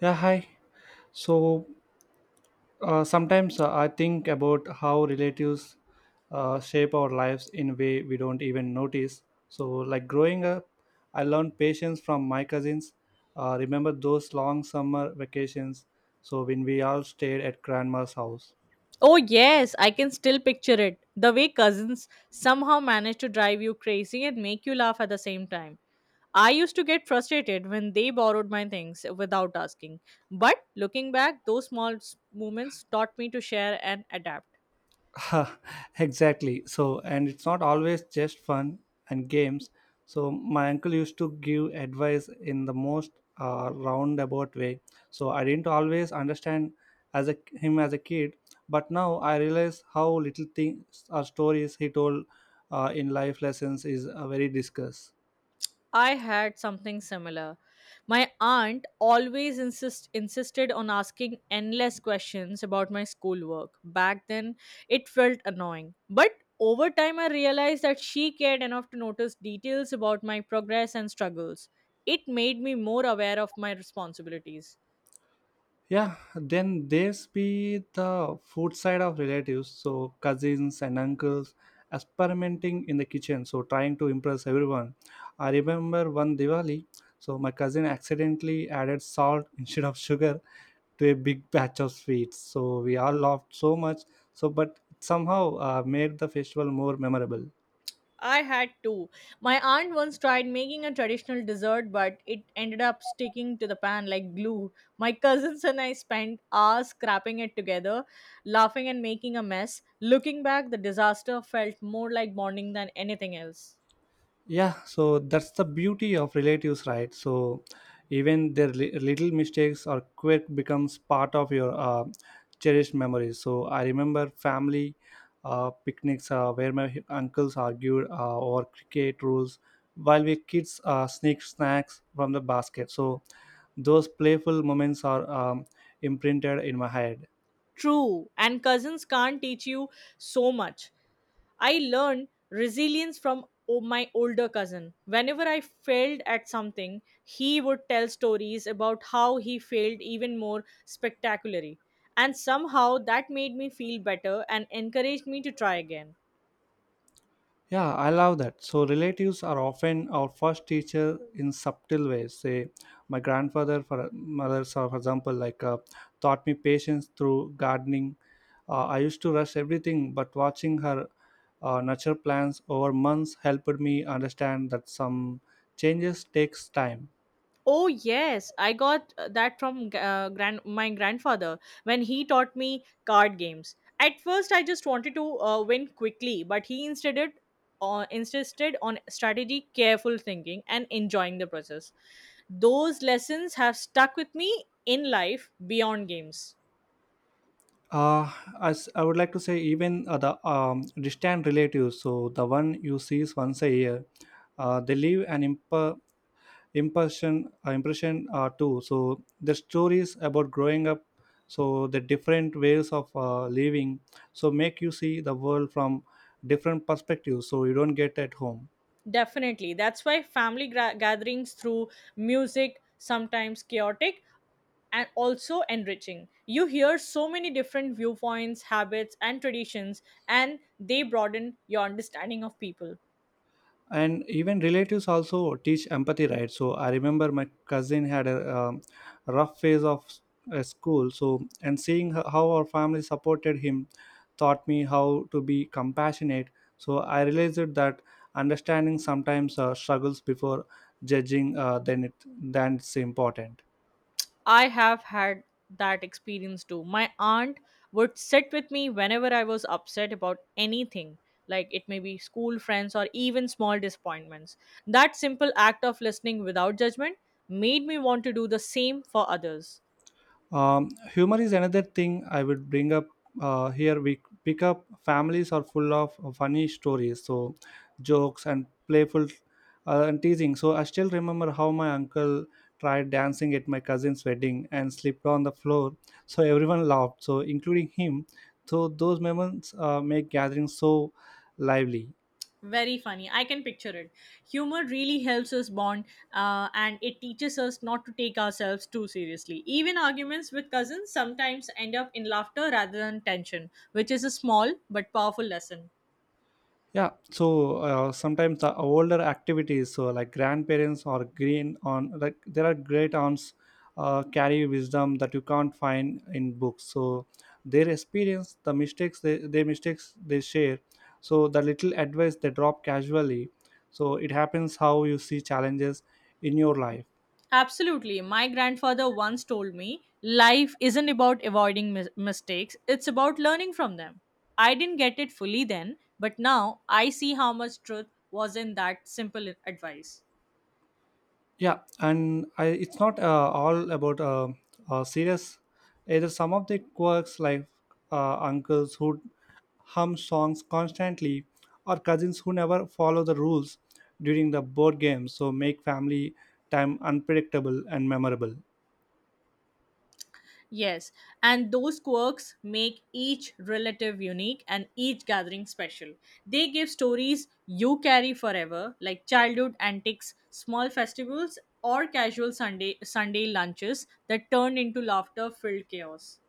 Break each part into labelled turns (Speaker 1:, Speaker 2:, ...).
Speaker 1: Yeah, hi. So sometimes I think about how relatives shape our lives in a way we don't even notice. So, like growing up, I learned patience from my cousins. Remember those long summer vacations? So, when we all stayed at grandma's house.
Speaker 2: Oh, yes, I can still picture it. The way cousins somehow manage to drive you crazy and make you laugh at the same time. I used to get frustrated when they borrowed my things without asking. But looking back, those moments taught me to share and adapt.
Speaker 1: Exactly. So, and it's not always just fun and games. So, my uncle used to give advice in the most roundabout way. So, I didn't always understand him as a kid, but now I realize how little things or stories he told in life lessons is very discussed.
Speaker 2: I had something similar. My aunt insisted on asking endless questions about my schoolwork. Back then, it felt annoying. But over time, I realized that she cared enough to notice details about my progress and struggles. It made me more aware of my responsibilities.
Speaker 1: Yeah, then there's be the food side of relatives, so cousins and uncles experimenting in the kitchen, so trying to impress everyone. I remember one Diwali, so my cousin accidentally added salt instead of sugar to a big batch of sweets. So we all laughed so much, so but somehow made the festival more memorable.
Speaker 2: I had two. My aunt once tried making a traditional dessert, but it ended up sticking to the pan like glue. My cousins and I spent hours scrapping it together, laughing and making a mess. Looking back, the disaster felt more like bonding than anything else.
Speaker 1: Yeah, so that's the beauty of relatives, right? So even their little mistakes or quirk becomes part of your cherished memories. So I remember family picnics where my uncles argued over cricket rules while we kids sneak snacks from the basket. So those playful moments are imprinted in my head.
Speaker 2: True, and cousins can't teach you so much. I learned resilience from my older cousin. Whenever I failed at something, he would tell stories about how he failed even more spectacularly. And somehow that made me feel better and encouraged me to try again.
Speaker 1: Yeah, I love that. So relatives are often our first teacher in subtle ways. Say, my grandfather, for mothers, for example, like taught me patience through gardening. I used to rush everything, but watching her nurture plants over months helped me understand that some changes takes time.
Speaker 2: Oh yes, I got that from g- grand my grandfather when he taught me card games. At first, I just wanted to win quickly, but he insisted on strategy, careful thinking, and enjoying the process. Those lessons have stuck with me in life beyond games.
Speaker 1: Uh, as I would like to say, even the distant relatives, so the one you sees once a year, they leave an impression too. So the stories about growing up, so the different ways of living, so make you see the world from different perspectives so you don't get at home.
Speaker 2: Definitely, that's why gatherings through music, sometimes chaotic and also enriching. You hear so many different viewpoints, habits, and traditions, and they broaden your understanding of people.
Speaker 1: And even relatives also teach empathy, right? So I remember my cousin had a rough phase of school. So and seeing how our family supported him taught me how to be compassionate. So I realized that understanding sometimes struggles before judging then it than it's important.
Speaker 2: I have had that experience too. My aunt would sit with me whenever I was upset about anything, like it may be school friends or even small disappointments. That simple act of listening without judgment made me want to do the same for others.
Speaker 1: Humor is another thing I would bring up here. We pick up families are full of funny stories, so jokes and playful and teasing. So I still remember how my uncle tried dancing at my cousin's wedding and slipped on the floor, so everyone laughed, so including him. So those moments make gatherings so lively.
Speaker 2: Very funny. I can picture it. Humor really helps us bond and it teaches us not to take ourselves too seriously. Even arguments with cousins sometimes end up in laughter rather than tension, which is a small but powerful lesson.
Speaker 1: Yeah, so sometimes the older activities, so like grandparents or green on, like there are great aunts carry wisdom that you can't find in books. So their experience, their mistakes they share, so the little advice they drop casually. So it happens how you see challenges in your life.
Speaker 2: Absolutely. My grandfather once told me life isn't about avoiding mistakes, it's about learning from them. I didn't get it fully then, but now I see how much truth was in that simple advice.
Speaker 1: Yeah, and I, it's not all about serious either. Some of the quirks like uncles who hum songs constantly or cousins who never follow the rules during the board game, so make family time unpredictable and memorable.
Speaker 2: Yes, and those quirks make each relative unique and each gathering special. They give stories you carry forever, like childhood antics, small festivals, or casual Sunday lunches that turn into laughter-filled chaos.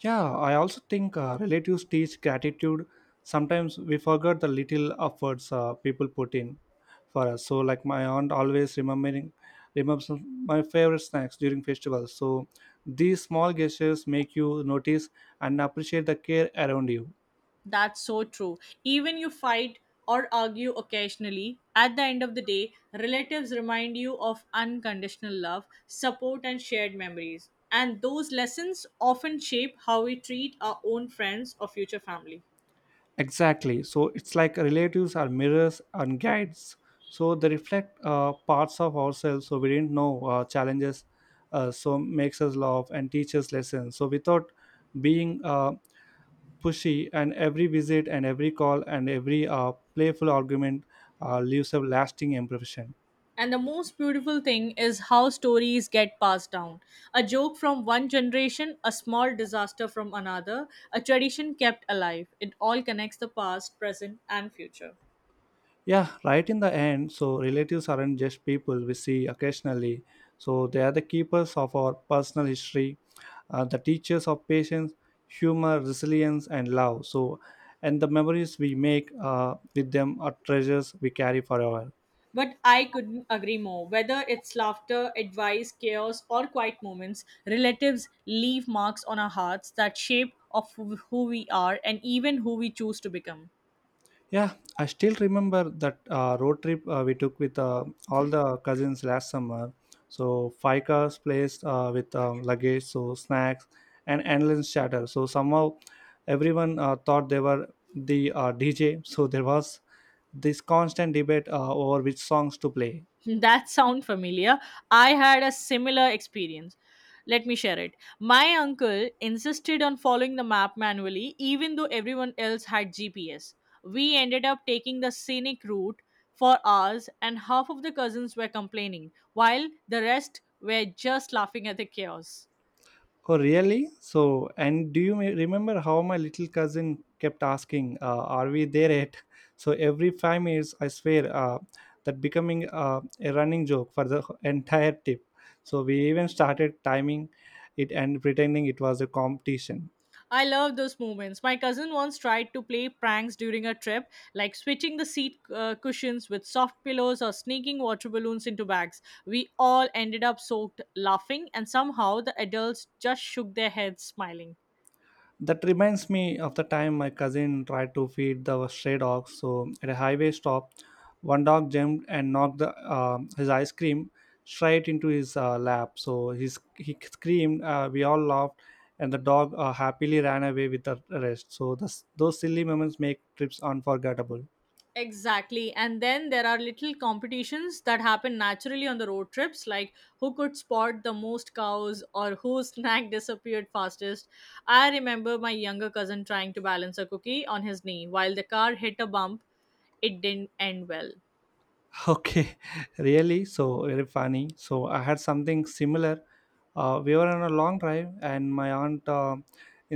Speaker 1: Yeah, I also think relatives teach gratitude. Sometimes we forget the little efforts people put in for us. So, like my aunt always remembering remembers my favorite snacks during festivals. So, these small gestures make you notice and appreciate the care around you.
Speaker 2: That's so true. Even you fight or argue occasionally, at the end of the day, relatives remind you of unconditional love, support, and shared memories. And those lessons often shape how we treat our own friends or future family.
Speaker 1: Exactly. So it's like relatives are mirrors and guides. So they reflect parts of ourselves. So we didn't know challenges. So makes us laugh and teaches lessons. So without being pushy, and every visit and every call and every playful argument leaves a lasting impression.
Speaker 2: And the most beautiful thing is how stories get passed down. A joke from one generation, a small disaster from another, a tradition kept alive. It all connects the past, present, and future.
Speaker 1: Yeah, right in the end, so relatives aren't just people we see occasionally. So they are the keepers of our personal history, the teachers of patience, humor, resilience, and love. So, and the memories we make with them are treasures we carry forever.
Speaker 2: But I couldn't agree more. Whether it's laughter, advice, chaos, or quiet moments, relatives leave marks on our hearts that shape of who we are and even who we choose to become.
Speaker 1: Yeah, I still remember that road trip we took with all the cousins last summer. So five cars placed with luggage, so snacks and endless chatter. So somehow everyone thought they were the DJ. So there was this constant debate over which songs to play.
Speaker 2: That sound familiar. I had a similar experience. Let me share it. My uncle insisted on following the map manually even though everyone else had GPS. We ended up taking the scenic route for hours and half of the cousins were complaining while the rest were just laughing at the chaos.
Speaker 1: Oh, really? So, and do you remember how my little cousin kept asking, "Are we there yet?" So every 5 minutes, I swear that becoming a running joke for the entire trip. So we even started timing it and pretending it was a competition.
Speaker 2: I love those moments. My cousin once tried to play pranks during a trip, like switching the seat cushions with soft pillows or sneaking water balloons into bags. We all ended up soaked laughing, and somehow the adults just shook their heads smiling.
Speaker 1: That reminds me of the time my cousin tried to feed the stray dog. So at a highway stop, one dog jumped and knocked his ice cream straight into his lap. So he screamed. We all laughed, and the dog happily ran away with the rest. So this, those silly moments make trips unforgettable.
Speaker 2: Exactly. And then there are little competitions that happen naturally on the road trips, like who could spot the most cows or whose snack disappeared fastest. I remember my younger cousin trying to balance a cookie on his knee while the car hit a bump. It didn't end well.
Speaker 1: Okay, really? So very funny. So I had something similar. We were on a long drive, and my aunt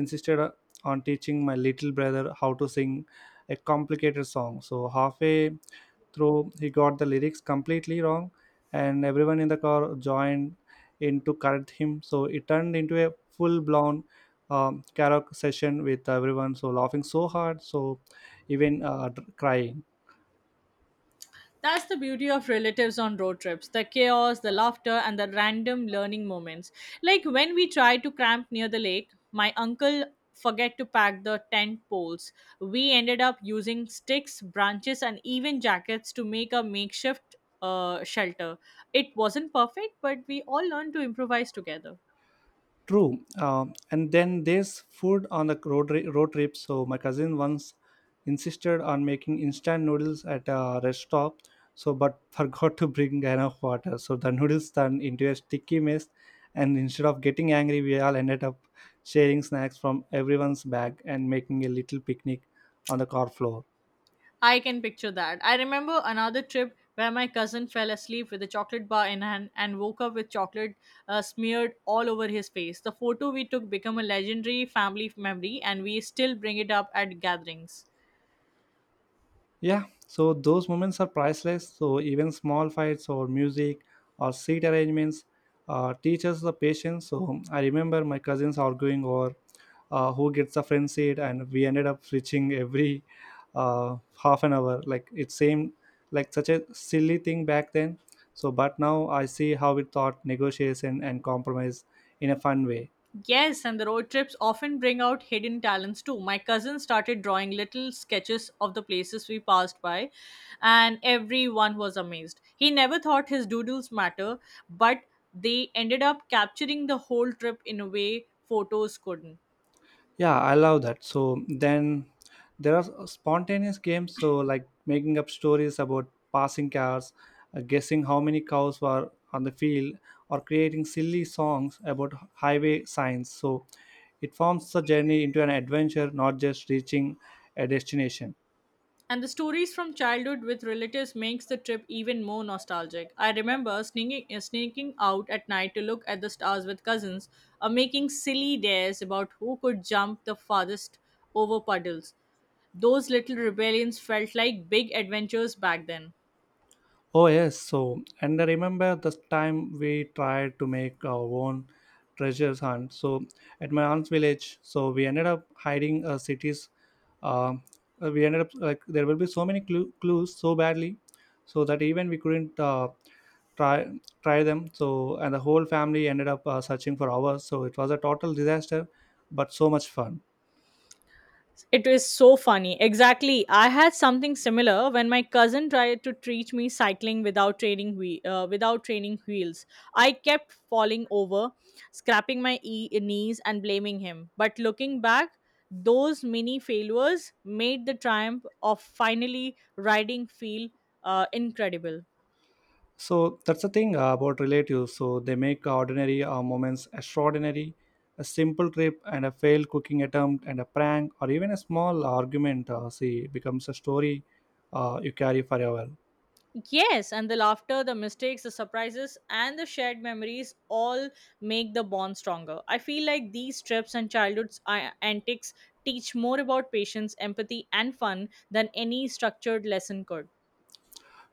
Speaker 1: insisted on teaching my little brother how to sing a complicated song. So halfway through, he got the lyrics completely wrong, and everyone in the car joined in to correct him. So it turned into a full-blown karaoke session with everyone. So laughing so hard, so even crying.
Speaker 2: That's the beauty of relatives on road trips the chaos, the laughter, and the random learning moments. Like when we tried to camp near the lake, my uncle forget to pack the tent poles. We ended up using sticks, branches, and even jackets to make a makeshift shelter. It wasn't perfect, but we all learned to improvise together.
Speaker 1: True. And then there's food on the road, road trip. So my cousin once insisted on making instant noodles at a rest stop. So but forgot to bring enough water. So the noodles turned into a sticky mess. And instead of getting angry, we all ended up sharing snacks from everyone's bag and making a little picnic on the car floor.
Speaker 2: I can picture that. I remember another trip where my cousin fell asleep with a chocolate bar in hand and woke up with chocolate smeared all over his face. The photo we took became a legendary family memory and we still bring it up at gatherings.
Speaker 1: Yeah, so those moments are priceless. So even small fights or music or seat arrangements teach us the patience. So I remember my cousins arguing over who gets the front seat, and we ended up switching every half an hour. Like it seemed like such a silly thing back then. So, but now I see how it taught negotiation and compromise in a fun way.
Speaker 2: Yes, and the road trips often bring out hidden talents too. My cousin started drawing little sketches of the places we passed by, and everyone was amazed. He never thought his doodles matter, but they ended up capturing the whole trip in a way photos couldn't.
Speaker 1: Yeah, I love that. So then there are spontaneous games, so like making up stories about passing cars, guessing how many cows were on the field or creating silly songs about highway signs. So it forms the journey into an adventure, not just reaching a destination.
Speaker 2: And the stories from childhood with relatives makes the trip even more nostalgic. I remember sneaking out at night to look at the stars with cousins, or making silly dares about who could jump the farthest over puddles. Those little rebellions felt like big adventures back then.
Speaker 1: Oh yes, so and I remember this time we tried to make our own treasure hunt. So at my aunt's village, so we ended up hiding a city's. Uh, we ended up like there will be so many clues so badly, so that even we couldn't try try them. So and the whole family ended up searching for hours. So it was a total disaster, but so much fun.
Speaker 2: It is so funny. Exactly. I had something similar when my cousin tried to teach me cycling without training wheels. I kept falling over, scraping my knees and blaming him. But looking back, those mini failures made the triumph of finally riding feel incredible.
Speaker 1: So that's the thing about relatives. So they make ordinary moments extraordinary. A simple trip and a failed cooking attempt and a prank or even a small argument, see, becomes a story you carry forever.
Speaker 2: Yes, and the laughter, the mistakes, the surprises, and the shared memories all make the bond stronger. I feel like these trips and childhood antics teach more about patience, empathy, and fun than any structured lesson could.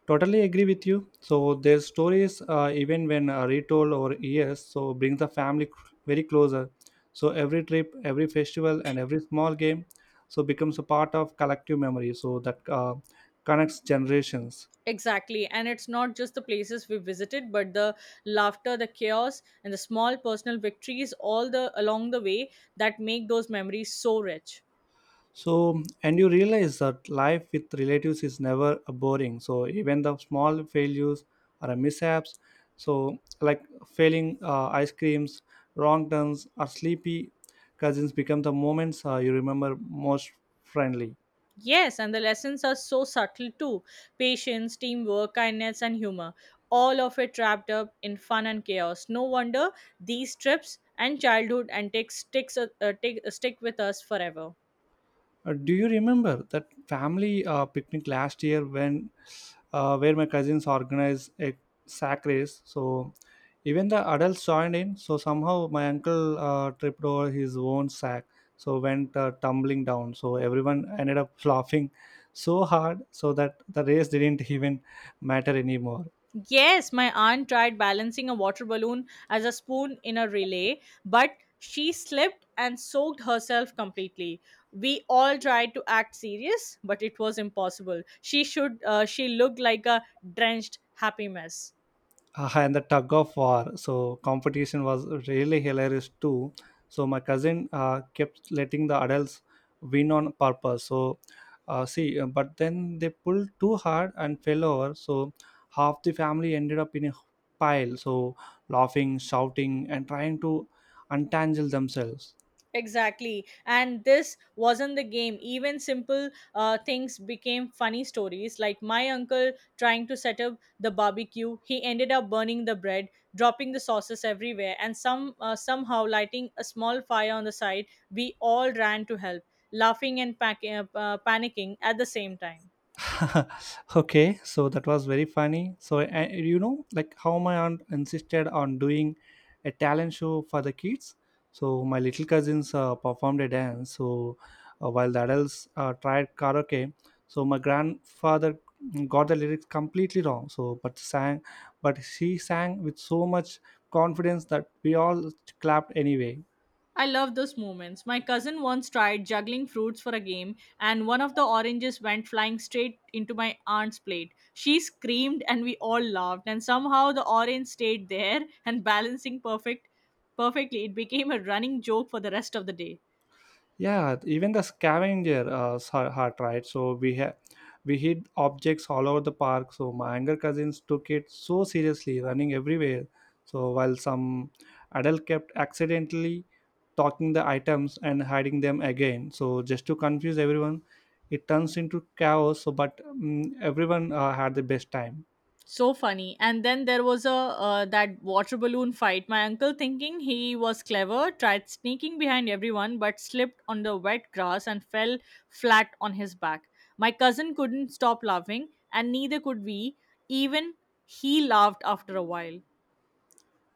Speaker 1: Totally agree with you. So their stories, even when retold over years, so brings the family very closer. So every trip, every festival, and every small game, so becomes a part of collective memory. So that connects generations.
Speaker 2: Exactly, and it's not just the places we visited, but the laughter, the chaos, and the small personal victories all the along the way that make those memories so rich.
Speaker 1: So, and you realize that life with relatives is never boring. So, even the small failures or mishaps, so like failing ice creams, wrong turns, or sleepy cousins become the moments you remember most friendly.
Speaker 2: Yes, and the lessons are so subtle too patience, teamwork, kindness, and humor. All of it wrapped up in fun and chaos. No wonder these trips and childhood antics stick with us forever.
Speaker 1: Do you remember that family picnic last year when where my cousins organized a sack race? So even the adults joined in. So somehow my uncle tripped over his own sack, so went tumbling down. So everyone ended up laughing so hard so that the race didn't even matter anymore.
Speaker 2: Yes, my aunt tried balancing a water balloon as a spoon in a relay, but she slipped and soaked herself completely. We all tried to act serious, but it was impossible. She looked like a drenched happy mess.
Speaker 1: And the tug of war. So competition was really hilarious too. So my cousin kept letting the adults win on purpose. So but then they pulled too hard and fell over. So half the family ended up in a pile. So laughing, shouting, and trying to untangle themselves.
Speaker 2: Exactly. And this wasn't the game. Even simple things became funny stories, like my uncle trying to set up the barbecue. He ended up burning the bread, dropping the sauces everywhere, and somehow lighting a small fire on the side. We all ran to help, laughing and panicking at the same time.
Speaker 1: Okay, so that was very funny. So you know like how my aunt insisted on doing a talent show for the kids. So my little cousins performed a dance. So while the adults tried karaoke. So my grandfather got the lyrics completely wrong, so but she sang with so much confidence that we all clapped anyway.
Speaker 2: I love those moments. My cousin once tried juggling fruits for a game, and one of the oranges went flying straight into my aunt's plate. She screamed, and we all laughed. And somehow the orange stayed there and balancing perfectly. It became a running joke for the rest of the day.
Speaker 1: Yeah, even the scavenger hunt, right? So we we hid objects all over the park. So my younger cousins took it so seriously, running everywhere. So while some adult kept accidentally talking the items and hiding them again. So just to confuse everyone, it turns into chaos. So but everyone had the best time.
Speaker 2: So funny, and then there was a that water balloon fight. My uncle thinking he was clever tried sneaking behind everyone but slipped on the wet grass and fell flat on his back. My cousin couldn't stop laughing and neither could we. Even he laughed after a while.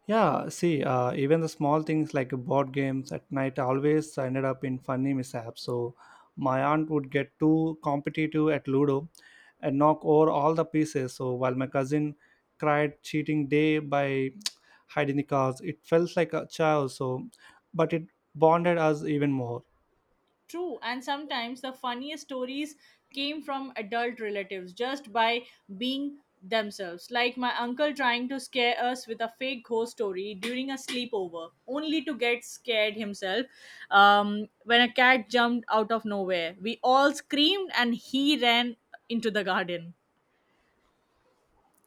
Speaker 1: Yeah, see, even the small things like board games at night always ended up in funny mishaps. So my aunt would get too competitive at Ludo and knock over all the pieces. So while my cousin cried cheating day by hiding the cards, it felt like a child. So, but it bonded us even more.
Speaker 2: True, and sometimes the funniest stories came from adult relatives just by being themselves. Like my uncle trying to scare us with a fake ghost story during a sleepover, only to get scared himself when a cat jumped out of nowhere. We all screamed and he ran into the garden.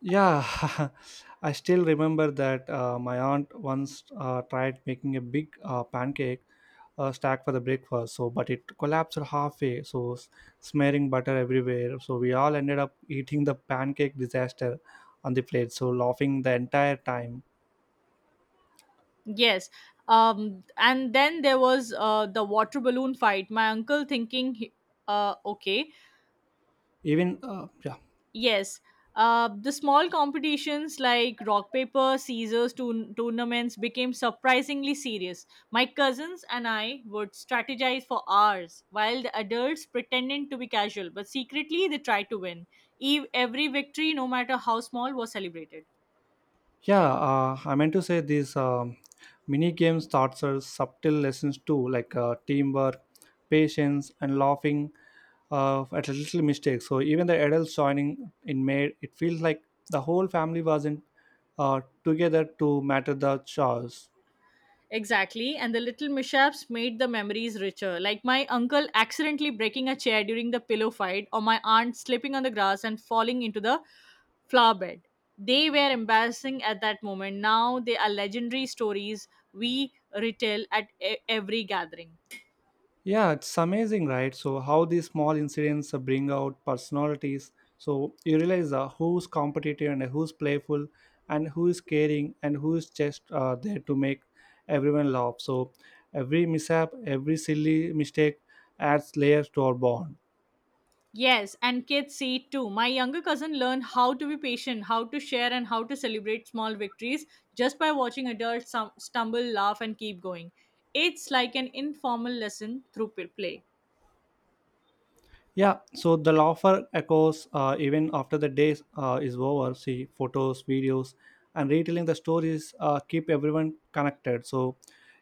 Speaker 1: Yeah, I still remember that my aunt once tried making a big pancake stack for the breakfast. So, but it collapsed halfway. So, smearing butter everywhere. So we all ended up eating the pancake disaster on the plate. So laughing the entire time.
Speaker 2: Yes. And then there was the water balloon fight. My uncle thinking, he- okay,
Speaker 1: Even yeah.
Speaker 2: Yes. The small competitions like rock paper scissors tournaments became surprisingly serious. My cousins and I would strategize for hours while the adults pretended to be casual, but secretly they tried to win. Every victory, no matter how small, was celebrated.
Speaker 1: Yeah, I meant to say these mini games thoughts are subtle lessons too, like teamwork, patience, and laughing at little mistakes. So even the adults joining in made it feels like the whole family wasn't together to matter the chores.
Speaker 2: Exactly, and the little mishaps made the memories richer. Like my uncle accidentally breaking a chair during the pillow fight, or my aunt slipping on the grass and falling into the flower bed. They were embarrassing at that moment. Now they are legendary stories we retell at every gathering.
Speaker 1: Yeah, it's amazing, right? So how these small incidents bring out personalities. So you realize who's competitive and who's playful, and who is caring and who is just there to make everyone laugh. So every mishap, every silly mistake adds layers to our bond.
Speaker 2: Yes, and kids see it too. My younger cousin learned how to be patient, how to share, and how to celebrate small victories just by watching adults stumble, laugh, and keep going. It's like an informal lesson through play.
Speaker 1: Yeah, so the laughter echoes even after the day is over. See photos, videos, and retelling the stories keep everyone connected. So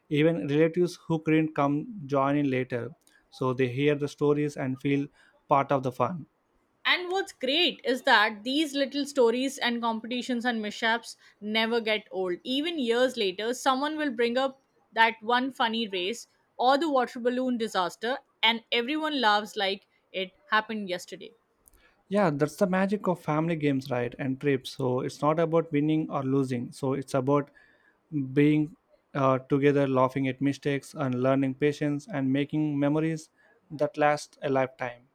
Speaker 1: even relatives who couldn't come join in later, so they hear the stories and feel part of the fun.
Speaker 2: And what's great is that these little stories and competitions and mishaps never get old. Even years later, someone will bring up that one funny race or the water balloon disaster, and everyone laughs like it happened yesterday.
Speaker 1: Yeah, that's the magic of family games, right? And trips. So it's not about winning or losing. So it's about being together, laughing at mistakes, and learning patience, and making memories that last a lifetime.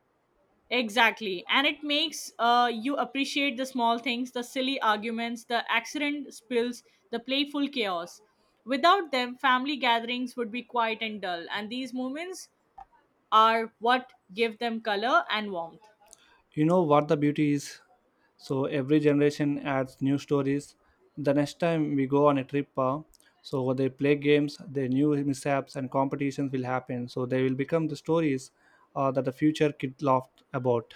Speaker 2: Exactly. And it makes you appreciate the small things, the silly arguments, the accident spills, the playful chaos. Without them, family gatherings would be quiet and dull, and these moments are what give them color and warmth.
Speaker 1: You know what the beauty is, so every generation adds new stories. The next time we go on a trip, so they play games. Their new mishaps and competitions will happen, so they will become the stories that the future kid laughed about.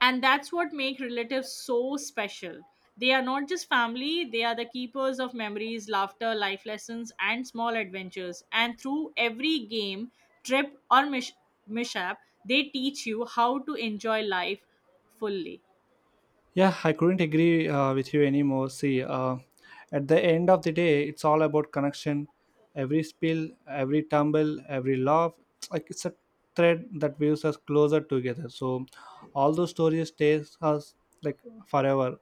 Speaker 2: And that's what make relatives so special. They are not just family, they are the keepers of memories, laughter, life lessons, and small adventures. And through every game, trip, or mishap, they teach you how to enjoy life fully.
Speaker 1: Yeah, I couldn't agree with you anymore. See, at the end of the day, it's all about connection. Every spill, every tumble, every laugh, like it's a thread that weaves us closer together. So, all those stories stays us like forever.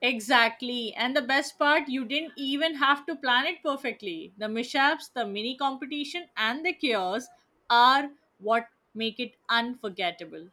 Speaker 2: Exactly. And the best part, you didn't even have to plan it perfectly. The mishaps, the mini competition, and the chaos are what make it unforgettable.